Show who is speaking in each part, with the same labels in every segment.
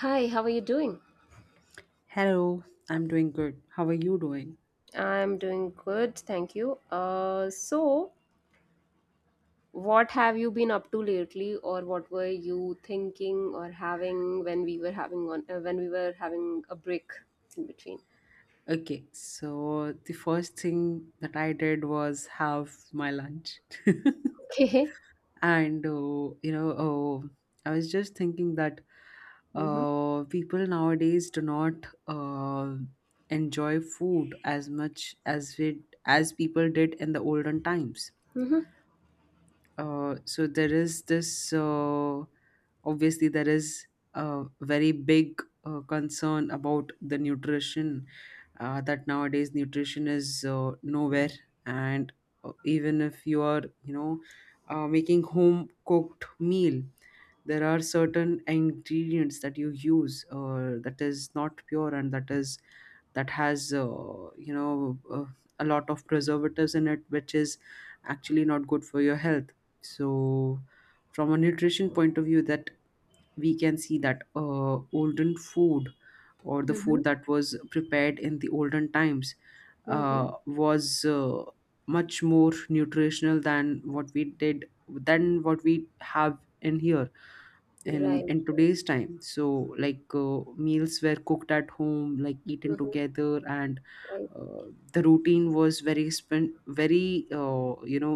Speaker 1: Hi, how are you doing?
Speaker 2: Hello, I'm doing good. How are you doing?
Speaker 1: I'm doing good, thank you. So, what have you been up to lately, or what were you thinking or having when we were having a break in between?
Speaker 2: Okay, so the first thing that I did was have my lunch.
Speaker 1: Okay.
Speaker 2: I was just thinking that
Speaker 1: Mm-hmm.
Speaker 2: people nowadays do not enjoy food as much as we as people did in the olden times.
Speaker 1: Mm-hmm.
Speaker 2: So there is obviously there is a very big concern about the nutrition, that nowadays nutrition is nowhere. And even if you are, you know, making home cooked meal, there are certain ingredients that you use that is not pure and that has, a lot of preservatives in it, which is actually not good for your health. So from a nutrition point of view, that we can see that olden food, or the
Speaker 1: Mm-hmm.
Speaker 2: food that was prepared in the olden times,
Speaker 1: Mm-hmm.
Speaker 2: was much more nutritional than what we have in here in
Speaker 1: Right.
Speaker 2: in today's time. So, like, meals were cooked at home, like eaten
Speaker 1: Mm-hmm.
Speaker 2: together. And
Speaker 1: Right.
Speaker 2: uh, the routine was very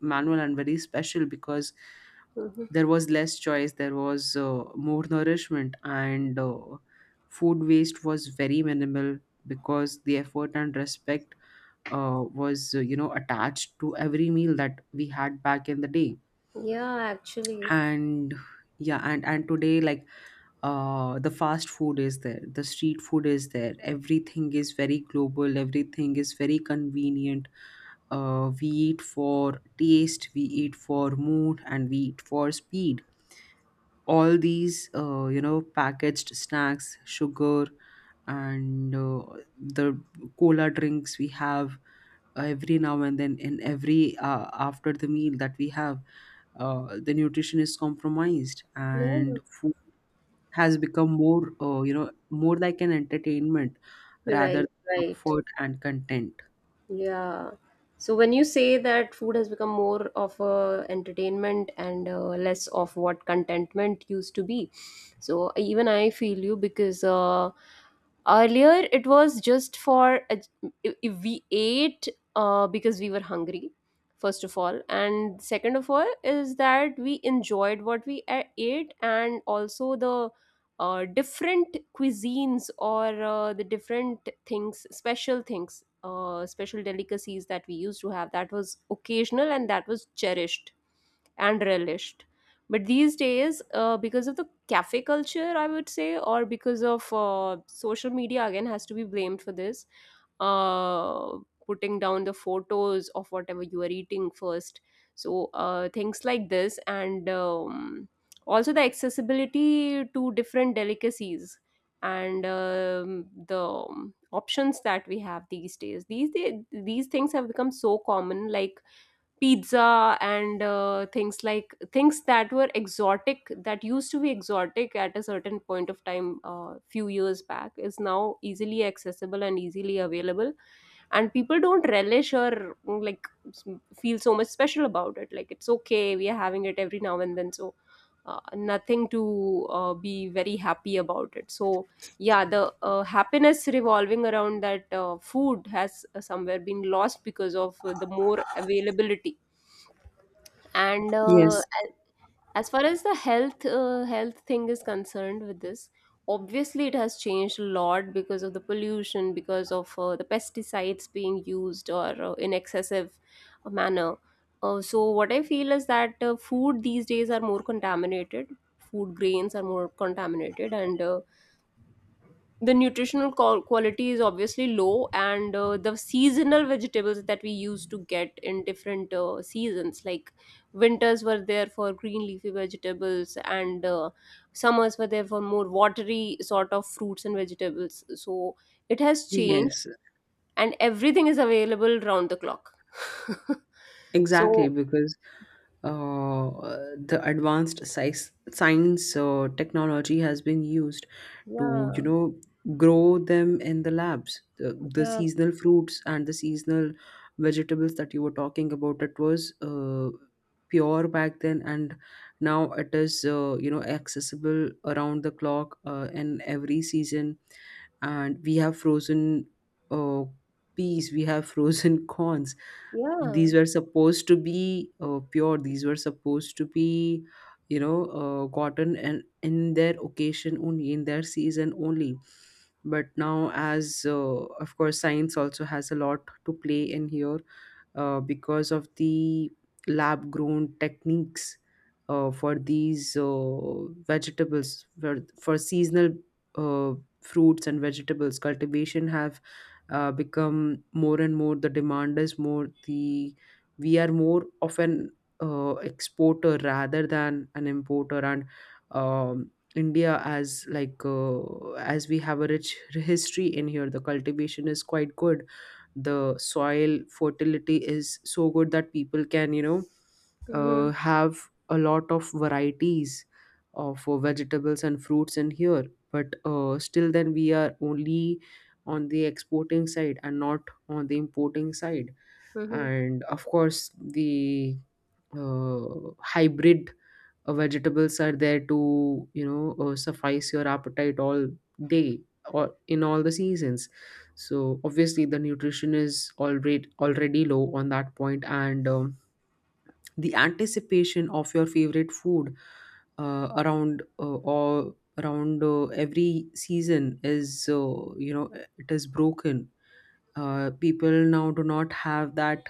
Speaker 2: manual and very special because
Speaker 1: Mm-hmm.
Speaker 2: there was less choice, there was more nourishment, and food waste was very minimal because the effort and respect was attached to every meal that we had back in the day.
Speaker 1: Yeah, actually.
Speaker 2: And yeah, and today, like, the fast food is there, the street food is there, everything is very global, everything is very convenient. We eat for taste, we eat for mood, and we eat for speed. All these, packaged snacks, sugar, and the cola drinks we have every now and then, in every after the meal that we have, the nutrition is compromised,
Speaker 1: Yeah.
Speaker 2: and food has become more, more like an entertainment rather
Speaker 1: Right.
Speaker 2: than
Speaker 1: Right.
Speaker 2: comfort and content.
Speaker 1: Yeah. So when you say that food has become more of a entertainment and less of what contentment used to be, so even I feel you because earlier it was just if we ate because we were hungry, first of all, and second of all is that we enjoyed what we ate and also the different cuisines or the different things special delicacies that we used to have that was occasional and that was cherished and relished. But these days, because of the cafe culture, I would say, or because of social media, again, has to be blamed for this. Uh, Putting down the photos of whatever you are eating first. So, things like this, and also the accessibility to different delicacies and the options that we have these days. These things have become so common, like pizza and things like things that were exotic that used to be exotic at a certain point of time, few years back is now easily accessible and easily available and people don't relish or like feel so much special about it, like it's okay, we are having it every now and then, so nothing to be very happy about it. So yeah, the happiness revolving around that food has somewhere been lost because of the more availability and
Speaker 2: Yes,
Speaker 1: as far as the health thing is concerned with this, obviously it has changed a lot because of the pollution, because of the pesticides being used, or in excessive manner. So what I feel is that food these days are more contaminated, food grains are more contaminated, and the nutritional quality is obviously low, and the seasonal vegetables that we used to get in different seasons, like winters were there for green leafy vegetables and summers were there for more watery sort of fruits and vegetables, so it has changed
Speaker 2: yes.
Speaker 1: and everything is available round the clock.
Speaker 2: Exactly,
Speaker 1: So
Speaker 2: because uh, the advanced science, technology has been used to, you
Speaker 1: yeah,
Speaker 2: know, grow them in the labs. The
Speaker 1: yeah,
Speaker 2: seasonal fruits and the seasonal vegetables that you were talking about, it was pure back then, and now it is, accessible around the clock in every season. And we have frozen uh, peas, we have frozen corns.
Speaker 1: yeah.
Speaker 2: These were supposed to be pure, these were supposed to be, gotten and in their occasion only, in their season only. But now, as of course science also has a lot to play in here, because of the lab grown techniques for these vegetables, for seasonal uh, fruits and vegetables, cultivation have become more and more, the demand is more. The we are more of an exporter rather than an importer. And um, India, as like, as we have a rich history in here, the cultivation is quite good, the soil fertility is so good that people can, you know,
Speaker 1: Mm-hmm.
Speaker 2: have a lot of varieties of vegetables and fruits in here. But still then we are only on the exporting side and not on the importing side.
Speaker 1: Mm-hmm.
Speaker 2: And of course, the uh, hybrid vegetables are there to, you know, suffice your appetite all day or in all the seasons. So obviously the nutrition is already low on that point. And the anticipation of your favorite food around every season is, it is broken. People now do not have that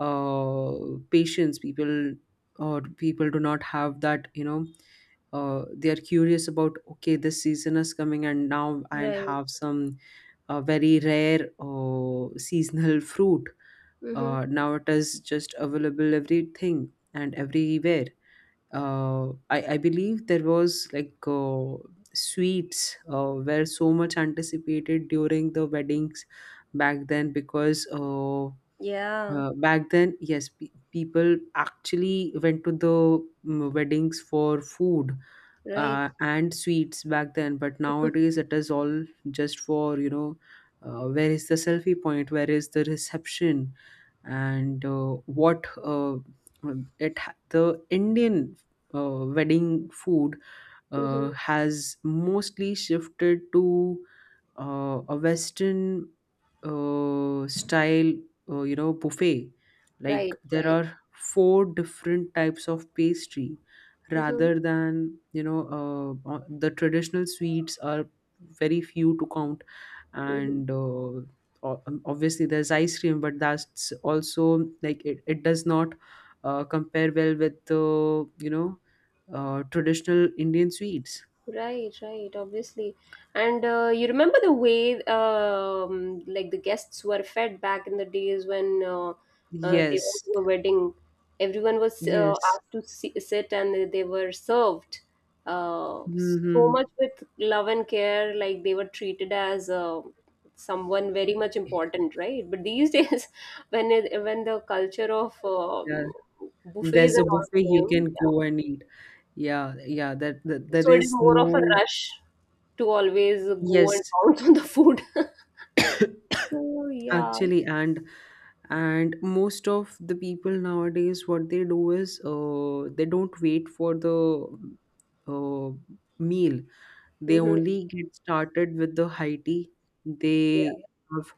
Speaker 2: uh, patience. People do not have that, they are curious about, okay, this season is coming and now I'll
Speaker 1: Right.
Speaker 2: have some very rare seasonal fruit.
Speaker 1: Mm-hmm.
Speaker 2: Now it is just available, everything and everywhere. I believe there was like, sweets were so much anticipated during the weddings back then, because
Speaker 1: Yeah.
Speaker 2: back then, yes, people actually went to the weddings for food
Speaker 1: Right.
Speaker 2: and sweets back then. But nowadays, it is all just for, you know, where is the selfie point? Where is the reception? And the Indian wedding food
Speaker 1: Mhm.
Speaker 2: has mostly shifted to a Western style, buffet. Like
Speaker 1: Right,
Speaker 2: there
Speaker 1: right.
Speaker 2: are four different types of pastry
Speaker 1: Mm-hmm.
Speaker 2: rather than, the traditional sweets are very few to count.
Speaker 1: Mm-hmm.
Speaker 2: And obviously there's ice cream, but that's also like it does not compare well with the, traditional Indian sweets.
Speaker 1: Right, right, obviously. And you remember the way, like the guests were fed back in the days when they
Speaker 2: Yes,
Speaker 1: went to a wedding. Everyone was
Speaker 2: yes.
Speaker 1: asked to si sit and they were served so
Speaker 2: Mm-hmm.
Speaker 1: much with love and care, like they were treated as someone very much important, right? But these days, when the culture of
Speaker 2: Yeah,
Speaker 1: buffets
Speaker 2: there's a
Speaker 1: and all
Speaker 2: buffet you
Speaker 1: came,
Speaker 2: can
Speaker 1: yeah,
Speaker 2: go and eat. Yeah, yeah, that there
Speaker 1: so it is
Speaker 2: is
Speaker 1: more of a
Speaker 2: no.
Speaker 1: rush to always go and
Speaker 2: Yes.
Speaker 1: pounce on the food. So yeah.
Speaker 2: Actually, and most of the people nowadays, what they do is, they don't wait for the uh, meal. They
Speaker 1: Hmm.
Speaker 2: only get started with the high tea.
Speaker 1: Yeah.
Speaker 2: They have,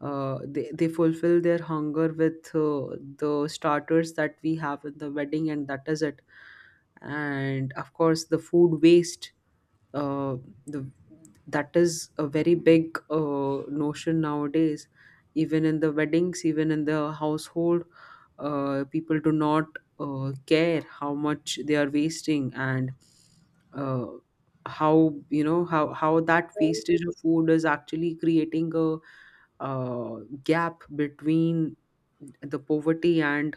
Speaker 2: uh, they fulfill their hunger with the starters that we have in the wedding, and that is it. And of course, the food waste, uh, the that is a very big notion nowadays, even in the weddings, even in the household. People do not care how much they are wasting, and uh, how, you know, how that
Speaker 1: Right.
Speaker 2: wastage of food is actually creating a gap between the poverty and,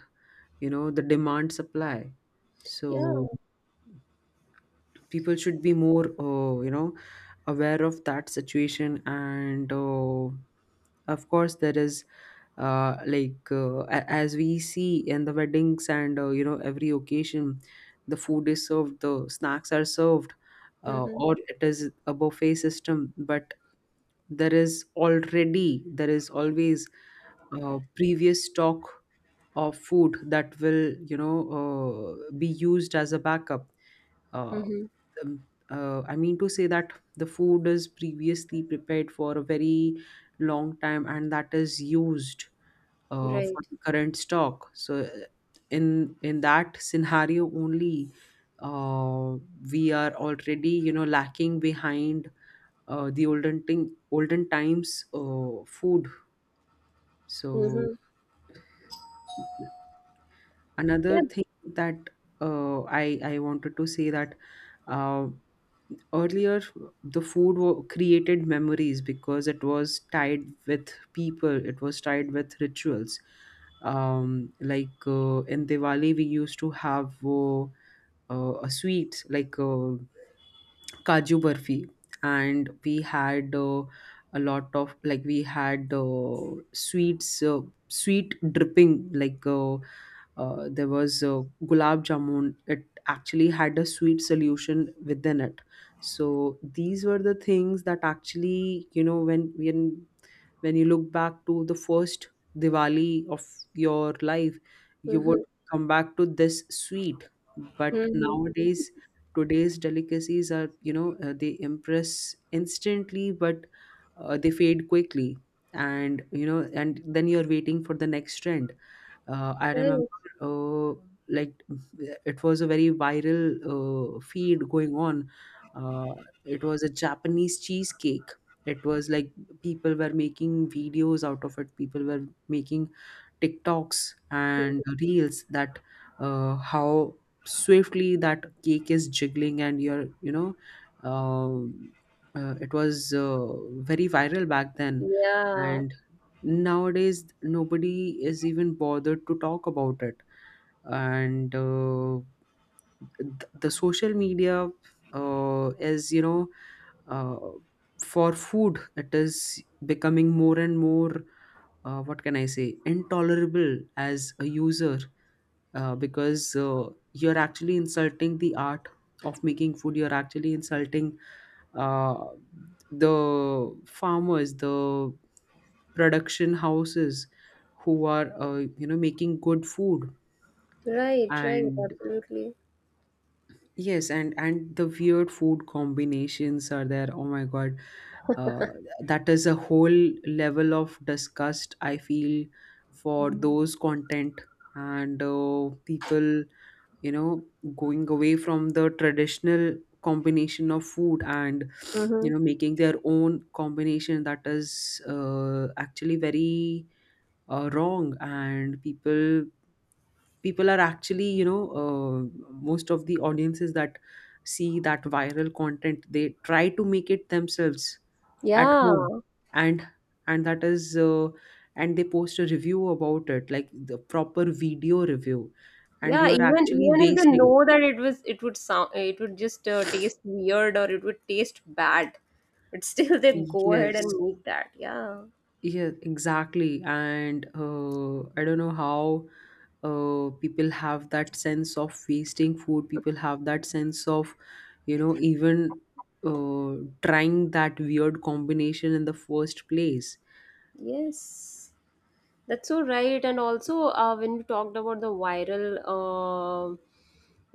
Speaker 2: you know, the demand supply.
Speaker 1: Yeah.
Speaker 2: So people should be more, aware of that situation. And of course, there is as we see in the weddings and, you know, every occasion, the food is served, the snacks are served,
Speaker 1: Hmm.
Speaker 2: or it is a buffet system. But there is already there is always previous stock of food that will, you know, be used as a backup. Uh,
Speaker 1: Hmm.
Speaker 2: I mean to say that the food is previously prepared for a very long time, and that is used
Speaker 1: Right.
Speaker 2: for the current stock. So, in that scenario only, uh, we are already, you know, lacking behind the olden times food. So
Speaker 1: Hmm.
Speaker 2: another
Speaker 1: Yeah.
Speaker 2: thing that I wanted to say that. Uh, Earlier the created memories, because it was tied with people, it was tied with rituals. In Diwali we used to have a sweet like, kaju barfi. And we had, a lot of like we had sweets, sweet dripping like, there was gulab jamun. It actually had a sweet solution within it. So these were the things that actually, you know, when you look back to the first Diwali of your life, you would
Speaker 1: Hmm.
Speaker 2: come back to this sweet. But
Speaker 1: Hmm.
Speaker 2: nowadays, today's delicacies are, they impress instantly, but they fade quickly. And, you know, and then you're waiting for the next trend. I remember,
Speaker 1: Right.
Speaker 2: uh, like it was a very viral feed going on. Uh, it was a Japanese cheesecake. It was like people were making videos out of it. People were making TikToks and
Speaker 1: Mm-hmm.
Speaker 2: reels, that how swiftly that cake is jiggling, and you're, you know, um, it was very viral back then.
Speaker 1: Yeah.
Speaker 2: And nowadays nobody is even bothered to talk about it. And the social media is, uh, for food, it is becoming more and more, what can I say, intolerable as a user, because you're actually insulting the art of making food, you're actually insulting uh, the farmers, the production houses who are, making good food.
Speaker 1: Right. Right.
Speaker 2: And
Speaker 1: Absolutely.
Speaker 2: yes, and the weird food combinations are there. Oh my God, uh, that is a whole level of disgust I feel for those content. And people, you know, going away from the traditional combination of food, and, you
Speaker 1: Hmm.
Speaker 2: know, making their own combination, that is actually very wrong. And people are actually, most of the audiences that see that viral content, they try to make it themselves at
Speaker 1: Yeah.
Speaker 2: home. And and that is and they post a review about it, like the proper video review, and
Speaker 1: Yeah.
Speaker 2: you're
Speaker 1: Even
Speaker 2: actually
Speaker 1: even if they
Speaker 2: wasting
Speaker 1: know that it would just taste weird or it would taste bad, but still they
Speaker 2: it.
Speaker 1: go ahead
Speaker 2: Yes.
Speaker 1: and make that. Yeah.
Speaker 2: Yeah, exactly. And I don't know how people have that sense of wasting food. People have that sense of, you know, even uh, trying that weird combination in the first place.
Speaker 1: Yes, that's so right. And also, when we talked about the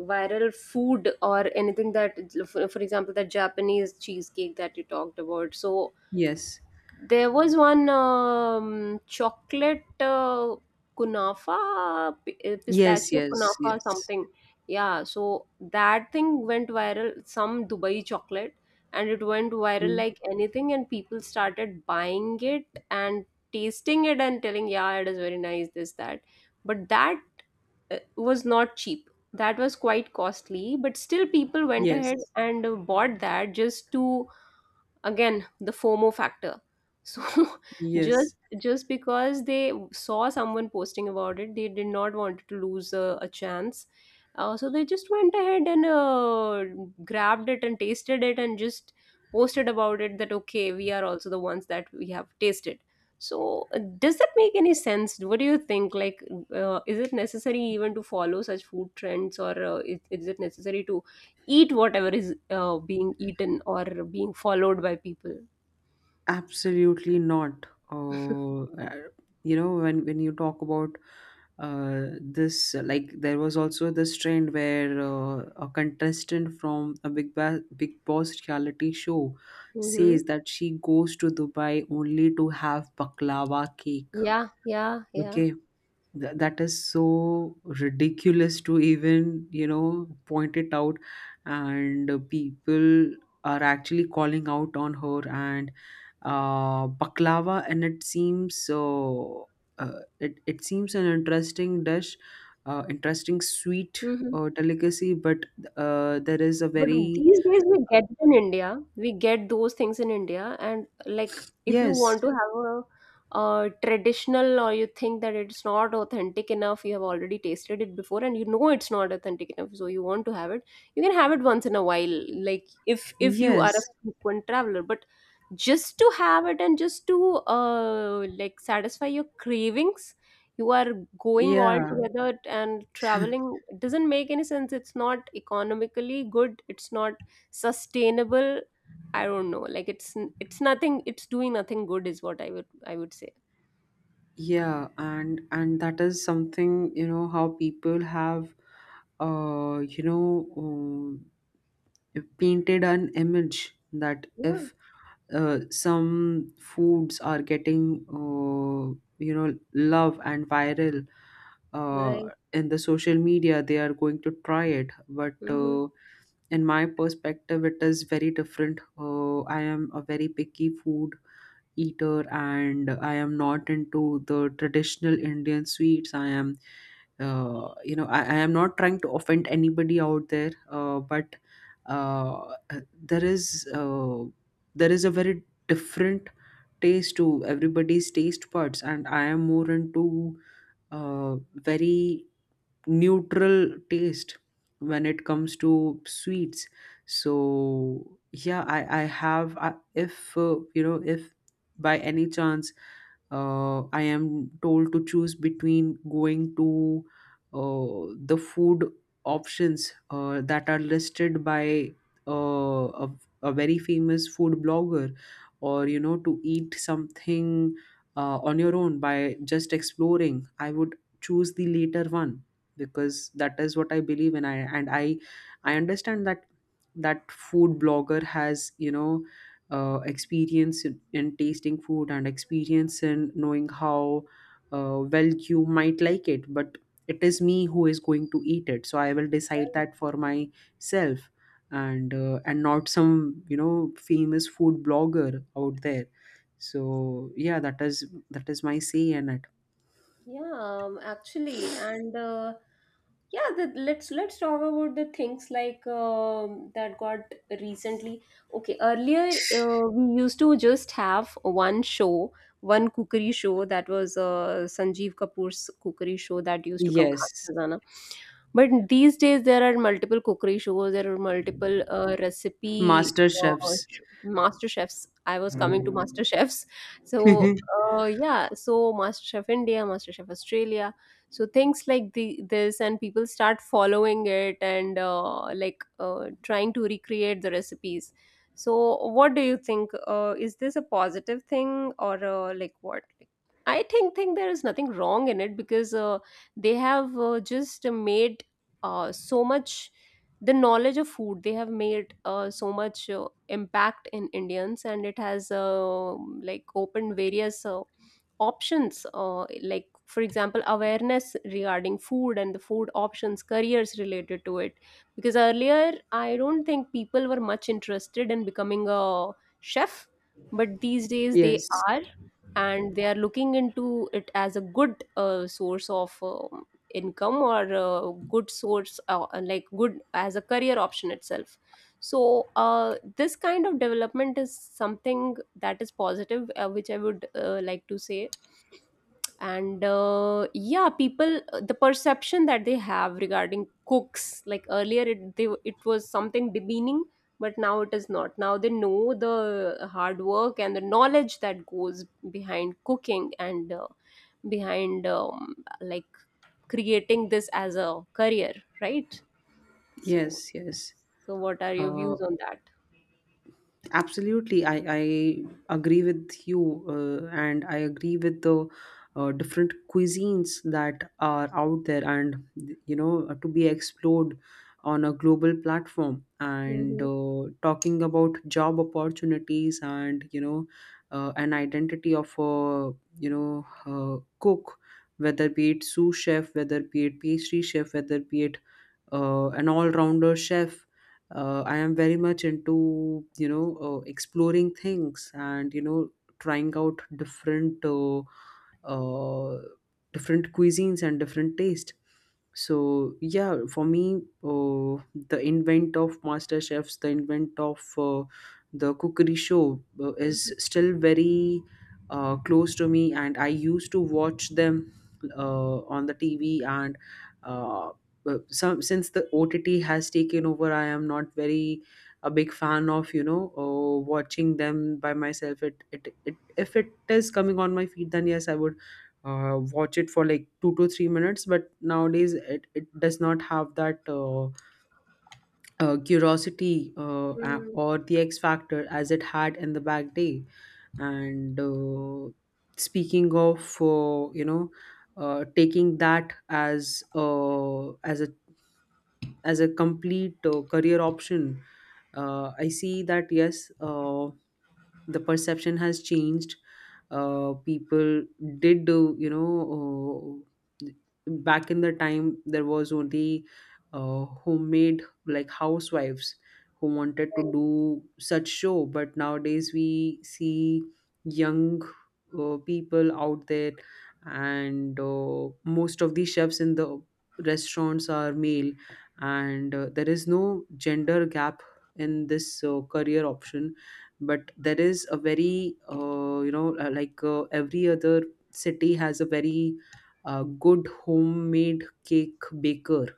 Speaker 1: viral food or anything that, for example, that Japanese cheesecake that you talked about. So
Speaker 2: Yes.
Speaker 1: there was one chocolate kunafa,
Speaker 2: Yes,
Speaker 1: pistachio
Speaker 2: yes,
Speaker 1: kunafa,
Speaker 2: yes.
Speaker 1: something. Yeah, so that thing went viral, some Dubai chocolate, and it went viral
Speaker 2: Mm.
Speaker 1: like anything, and people started buying it and tasting it and telling, yeah, it is very nice, this, that. But that was not cheap. That was quite costly, but still people went ahead
Speaker 2: Yes.
Speaker 1: and bought that just to, again, the FOMO factor, so just
Speaker 2: Yes.
Speaker 1: just because they saw someone posting about it, they did not want to lose a chance, so they just went ahead and grabbed it and tasted it and just posted about it that okay, we are also the ones that we have tasted. So does that make any sense? What do you think? Like, is it necessary even to follow such food trends, or is it necessary to eat whatever is being eaten or being followed by people.
Speaker 2: Absolutely not. Uh, uh, you know, when you talk about like there was also this trend where a contestant from a Big Boss reality show
Speaker 1: Mm-hmm.
Speaker 2: says that she goes to Dubai only to have baklava cake.
Speaker 1: Yeah, yeah, yeah.
Speaker 2: Okay. That is so ridiculous to even, you know, point it out. And people are actually calling out on her. And baklava, and it seems so. It seems an interesting dish, interesting sweet
Speaker 1: Mm-hmm.
Speaker 2: delicacy, but there is a
Speaker 1: But
Speaker 2: very.
Speaker 1: these days we get it in India. We get those things in India, and like, if you
Speaker 2: Yes,
Speaker 1: want to have a traditional, or you think that it's not authentic enough, you have already tasted it before, and you know it's not authentic enough, so you want to have it. You can have it once in a while, like if you are a
Speaker 2: yes,
Speaker 1: frequent traveler. But just to have it and just to like satisfy your cravings, you are going all
Speaker 2: yeah,
Speaker 1: together and traveling, it doesn't make any sense. It's not economically good, it's not sustainable. I don't know, like it's nothing, it's doing nothing good is what I would say.
Speaker 2: yeah. And that is something, how people have uh you know um, painted an image that
Speaker 1: Yeah,
Speaker 2: if some foods are getting love and viral uh,
Speaker 1: right.
Speaker 2: in the social media, they are going to try it. But
Speaker 1: Hmm.
Speaker 2: in my perspective it is very different. I am a very picky food eater, and I am not into the traditional Indian sweets. I am not trying to offend anybody out there, but uh, there is uh, there is a very different taste to everybody's taste buds, and I am more into very neutral taste when it comes to sweets. So yeah, if if by any chance I am told to choose between going to the food options that are listed by uh, a, a very famous food blogger, or to eat something on your own by just exploring, I would choose the later one, because that is what I believe in. I and i i understand that that food blogger has, experience in tasting food, and experience in knowing how well you might like it. But it is me who is going to eat it, so I will decide that for myself. And not some, famous food blogger out there. So yeah, that is my say in it.
Speaker 1: Yeah, actually, and yeah, the, let's talk about the things like, that got recently. Okay, earlier we used to just have one show, one cookery show, that was Sanjeev Kapoor's cookery show that used to come, Khana
Speaker 2: Yes.
Speaker 1: Khazana. But these days there are multiple cookery shows, there are multiple recipe
Speaker 2: Master chefs.
Speaker 1: master chefs. I was coming to master chefs. So yeah, so MasterChef India, MasterChef Australia, so things like the this, and people start following it and like trying to recreate the recipes. So what do you think? Is this a positive thing, or like what? I think there is nothing wrong in it, because they have just made so much, the knowledge of food they have made so much impact in Indians, and it has like opened various options, like for example awareness regarding food and the food options, careers related to it. Because earlier I don't think people were much interested in becoming a chef, but these days they
Speaker 2: Yes,
Speaker 1: are, and they are looking into it as a good source of income, or a good source, like good as a career option itself. So this kind of development is something that is positive, which I would like to say. And yeah, people, the perception that they have regarding cooks, like earlier it was something demeaning, but now it is not. Now they know the hard work and the knowledge that goes behind cooking and behind, like creating this as a career, right? so
Speaker 2: yes, yes.
Speaker 1: so what are your
Speaker 2: Uh,
Speaker 1: views on that?
Speaker 2: Absolutely. I agree with you, and I agree with the different cuisines that are out there and, to be explored on a global platform. And
Speaker 1: Mm-hmm.
Speaker 2: talking about job opportunities and, an identity of a, cook, whether be it sous chef, whether be it pastry chef, whether be it an all-rounder chef. I am very much into, exploring things, and trying out different uh, different cuisines and different taste. So yeah, for me, uh, the invent of master chefs, the invent of the cookery show is
Speaker 1: Mm-hmm.
Speaker 2: still very close to me, and I used to watch them on the TV. And uh, some since the OTT has taken over, I am not very a big fan of, watching them by myself. It If it is coming on my feed, then yes, I would watch it for like 2 to 3 minutes. But nowadays it does not have that curiosity or the x factor as it had in the back day. And speaking of, taking that as as a complete career option, I see that. Yes, the perception has changed. Uh, people did do you know uh, back in the time, there was only homemade, like housewives, who wanted to
Speaker 1: Right,
Speaker 2: do such show. But nowadays we see young people out there, and most of the chefs in the restaurants are male. And there is no gender gap in this career option. But there is a very like every other city has a very good homemade cake baker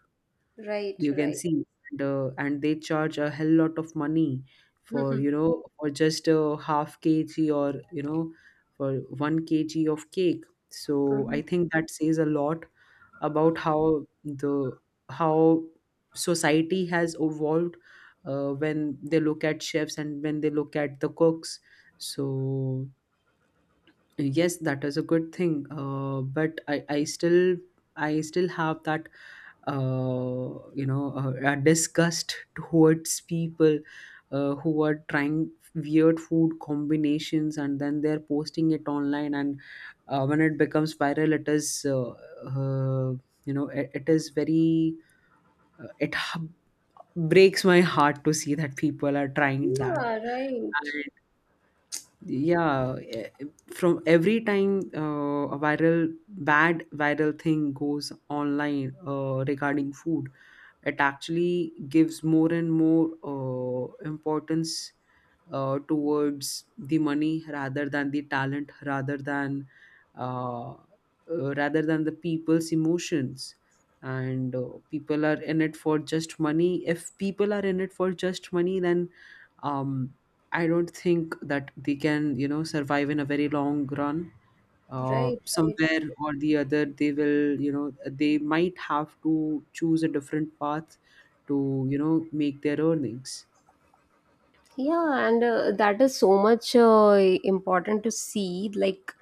Speaker 1: right,
Speaker 2: you can
Speaker 1: right.
Speaker 2: see, and they charge a hell lot of money for, for just a half kg, or for 1 kg of cake. So
Speaker 1: Mm-hmm.
Speaker 2: I think that says a lot about how society has evolved, when they look at chefs and when they look at the cooks. So yes, that is a good thing, but I still have that, a disgust towards people who are trying weird food combinations and then they're posting it online. And when it becomes viral, uh, it, it is very it h- breaks my heart to see that people are trying that. And yeah, from every time a viral bad viral thing goes online regarding food, it actually gives more and more importance towards the money, rather than the talent, uh, rather than the people's emotions. And people are in it for just money. If people are in it for just money, then um, I don't think that they can, survive in a very long run.
Speaker 1: Right, right.
Speaker 2: Somewhere or the other, they will you know they might have to choose a different path to, make their earnings.
Speaker 1: Yeah, and that is so much important to see. Like,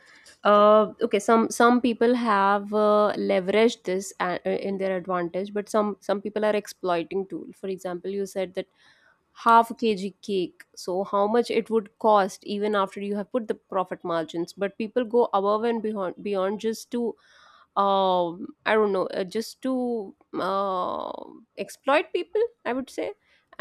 Speaker 1: okay, some people have leveraged this in their advantage, but some people are exploiting too. For example, you said that half a kg cake. So how much it would cost even after you have put the profit margins? But people go above and beyond just to, I don't know, just to uh, exploit people, I would say.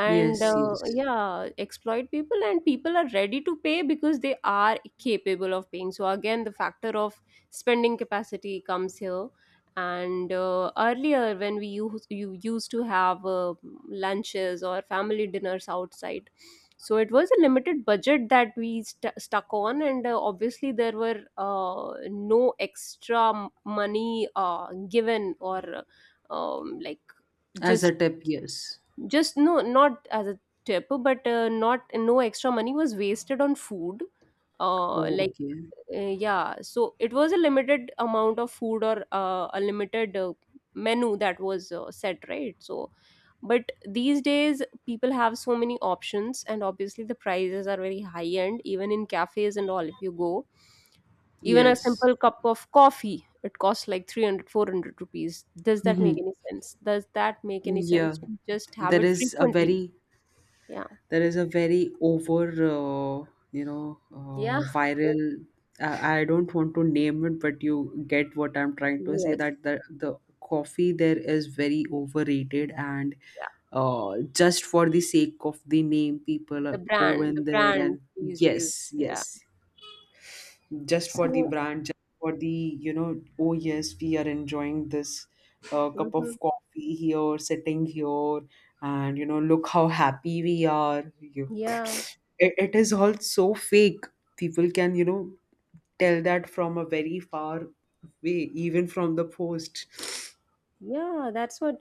Speaker 1: And
Speaker 2: Yes, yes.
Speaker 1: yeah, exploit people, and people are ready to pay because they are capable of paying, so again the factor of spending capacity comes here. And earlier when you used to have lunches or family dinners outside, so it was a limited budget that we stuck on, and obviously there were no extra money given, or like
Speaker 2: As a
Speaker 1: just
Speaker 2: tip, yes.
Speaker 1: just no, not as a tip, but not no extra money was wasted on food,
Speaker 2: Oh,
Speaker 1: like,
Speaker 2: okay.
Speaker 1: yeah, so it was a limited amount of food, or a limited menu that was set, right? So but these days people have so many options, and obviously the prices are very high end. Even in cafes and all, if you go, even a
Speaker 2: Yes.
Speaker 1: simple cup of coffee, it costs like 300, 400 rupees. Does that make any sense? Does that make any
Speaker 2: Yeah.
Speaker 1: sense to just have
Speaker 2: there
Speaker 1: it
Speaker 2: is a
Speaker 1: frequently?
Speaker 2: very
Speaker 1: Yeah.
Speaker 2: there is a very over
Speaker 1: Yeah. Oh.
Speaker 2: viral, I don't want to name it, but you get what I'm trying to say,
Speaker 1: Yes.
Speaker 2: that the coffee there is very overrated. And
Speaker 1: Yeah.
Speaker 2: just for the sake of the name, people
Speaker 1: The
Speaker 2: go
Speaker 1: brand, the
Speaker 2: in there
Speaker 1: brand
Speaker 2: and.
Speaker 1: these days.
Speaker 2: Yes,
Speaker 1: Yeah.
Speaker 2: yes. Just for the
Speaker 1: So,
Speaker 2: brand, just for the, you know, oh yes, we are enjoying this cup
Speaker 1: mhm,
Speaker 2: of coffee here, sitting here, look how happy we are. You,
Speaker 1: yeah.
Speaker 2: it is all so fake. People can, tell that from a very far way, even from the post.
Speaker 1: Yeah. That's what,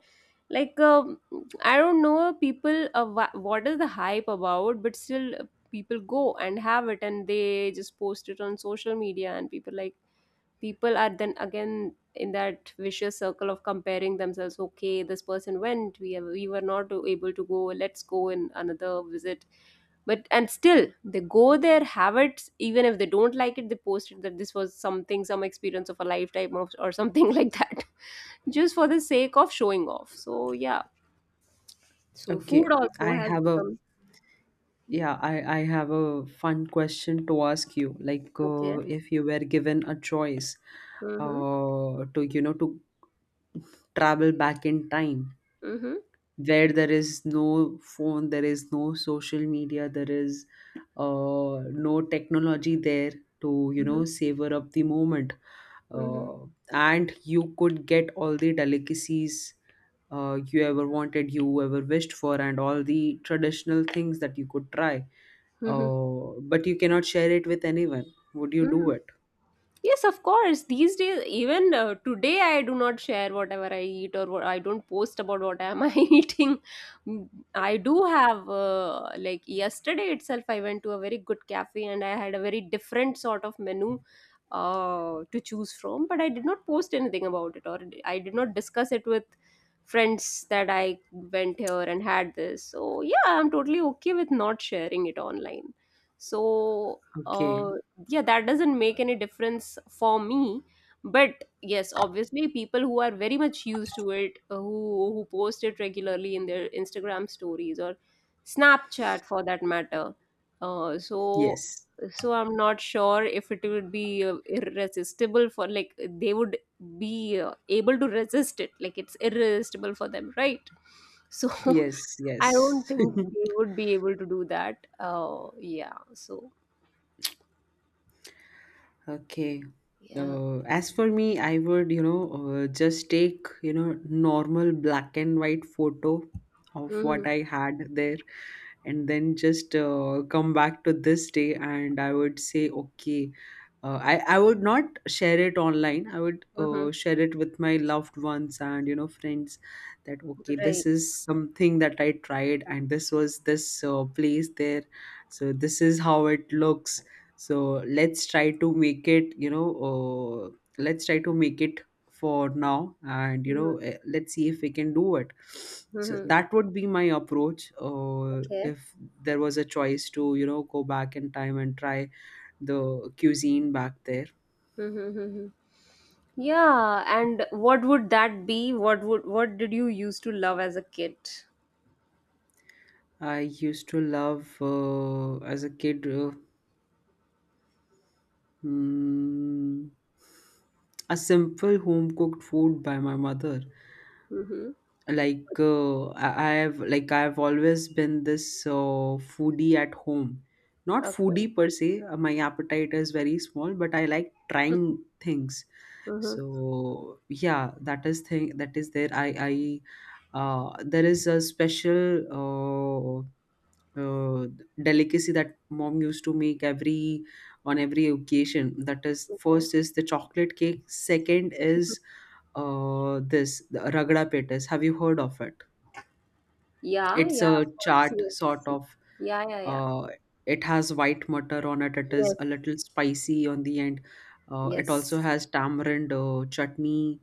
Speaker 1: like, I don't know, people, what is the hype about, but still people go and have it and they just post it on social media, and people are then again in that vicious circle of comparing themselves. Okay, this person went, we were not able to go, let's go in another visit, but and still they go there, have it. Even if they don't like it, they post it that this was something, some experience of a lifetime of, or something like that, just for the sake of showing off. So yeah, so
Speaker 2: Okay,
Speaker 1: food also
Speaker 2: I
Speaker 1: has
Speaker 2: have a
Speaker 1: become,
Speaker 2: yeah, I have a fun question to ask you. Like,
Speaker 1: okay.
Speaker 2: if you were given a choice,
Speaker 1: Mm-hmm.
Speaker 2: to you know to travel back in time,
Speaker 1: Mm-hmm.
Speaker 2: where there is no phone, there is no social media, there is no technology there, to,
Speaker 1: Mm-hmm.
Speaker 2: savor up the moment,
Speaker 1: Mm-hmm.
Speaker 2: uh, and you could get all the delicacies you ever wanted, you ever wished for, and all the traditional things that you could try,
Speaker 1: Mm-hmm.
Speaker 2: but you cannot share it with anyone. Would you do
Speaker 1: Mm-hmm.
Speaker 2: it?
Speaker 1: Yes, of course. These days, even today, I do not share whatever I eat, or what, I don't post about what am I eating. Mm, I do have like yesterday itself, I went to a very good cafe and I had a very different sort of menu to choose from. But I did not post anything about it, or I did not discuss it with friends that I went here and had this. So yeah, I'm totally okay with not sharing it online. So.
Speaker 2: Okay.
Speaker 1: Yeah, that doesn't make any difference for me. But yes, obviously people who are very much used to it, who post it regularly in their Instagram stories or Snapchat for that matter, uh, so
Speaker 2: Yes,
Speaker 1: so I'm not sure if it would be irresistible for, like, they would be able to resist it, like it's irresistible for them, right? So
Speaker 2: yes,
Speaker 1: I
Speaker 2: yes.
Speaker 1: don't think they would be able to do that, yeah, so
Speaker 2: Okay.
Speaker 1: yeah.
Speaker 2: As for me, I would, just take, normal black and white photo of
Speaker 1: Mm-hmm.
Speaker 2: what I had there, and then just come back to this day. And I would say, okay, I would not share it online. I would
Speaker 1: Mm-hmm.
Speaker 2: share it with my loved ones and, friends, that okay, this
Speaker 1: Right.
Speaker 2: is something that I tried, and this was this place there, so this is how it looks. So let's try to make it for now, and let's see if we can do it. So
Speaker 1: Mm-hmm.
Speaker 2: that would be my approach,
Speaker 1: Okay.
Speaker 2: if there was a choice to, go back in time and try the cuisine back there.
Speaker 1: Mm-hmm. Yeah. And what would that be? What did you used to love as a kid?
Speaker 2: I used to love, as a kid, mm, a simple home cooked food by my mother.
Speaker 1: Mm-hmm.
Speaker 2: Like, I have like I've always been this foodie at home. Not foodie
Speaker 1: Okay.
Speaker 2: per se, my appetite is very small, but I like trying things.
Speaker 1: Mm-hmm.
Speaker 2: So yeah, that is thing that is there. I There is a special uh, delicacy that mom used to make every, on every occasion. That is,
Speaker 1: Yeah.
Speaker 2: first is the chocolate cake, second is this the ragda petas. Have you heard of it?
Speaker 1: Yeah.
Speaker 2: It's
Speaker 1: Yeah.
Speaker 2: a
Speaker 1: Of course.
Speaker 2: chaat sort
Speaker 1: Yes.
Speaker 2: of.
Speaker 1: Yeah. Yeah. Yeah.
Speaker 2: Uh, it has white mutter on it. It is
Speaker 1: Yes.
Speaker 2: a little spicy on the end. It also
Speaker 1: Yes.
Speaker 2: has tamarind chutney,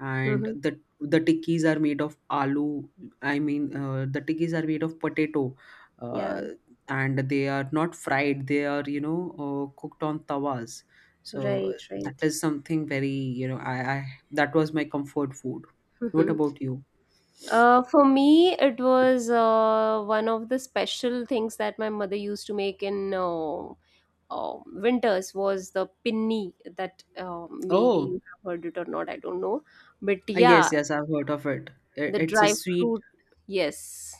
Speaker 2: and
Speaker 1: Mm-hmm.
Speaker 2: the tikkis are made of aloo. I mean, the tikkis are made of potato, uh,
Speaker 1: Yeah.
Speaker 2: and they are not fried. They are, cooked on tawas. So that
Speaker 1: Right.
Speaker 2: is something very, you know I that was my comfort food. What
Speaker 1: Mm-hmm.
Speaker 2: about you?
Speaker 1: For me, it was one of the special things that my mother used to make in, winters, was the Pinny, that maybe you
Speaker 2: Oh.
Speaker 1: have heard it or not, I don't know. But yeah,
Speaker 2: Yes, yes, I've heard of it.
Speaker 1: the
Speaker 2: It's a
Speaker 1: dry
Speaker 2: sweet.
Speaker 1: fruit, yes,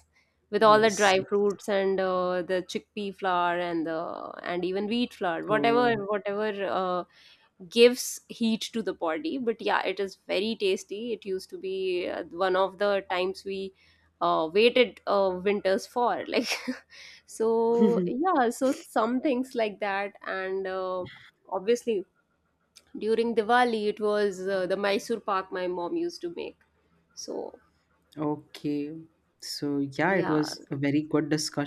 Speaker 1: with all the
Speaker 2: Yes,
Speaker 1: dry
Speaker 2: yes.
Speaker 1: fruits and the chickpea flour, and the and even wheat flour,
Speaker 2: Oh,
Speaker 1: whatever gives heat to the body. But yeah, it is very tasty. It used to be one of the times we waited winters for, like. So yeah, so some things like that. And obviously during Diwali it was the Mysore pak my mom used to make. So
Speaker 2: okay. So yeah, it
Speaker 1: yeah.
Speaker 2: was a very good discussion.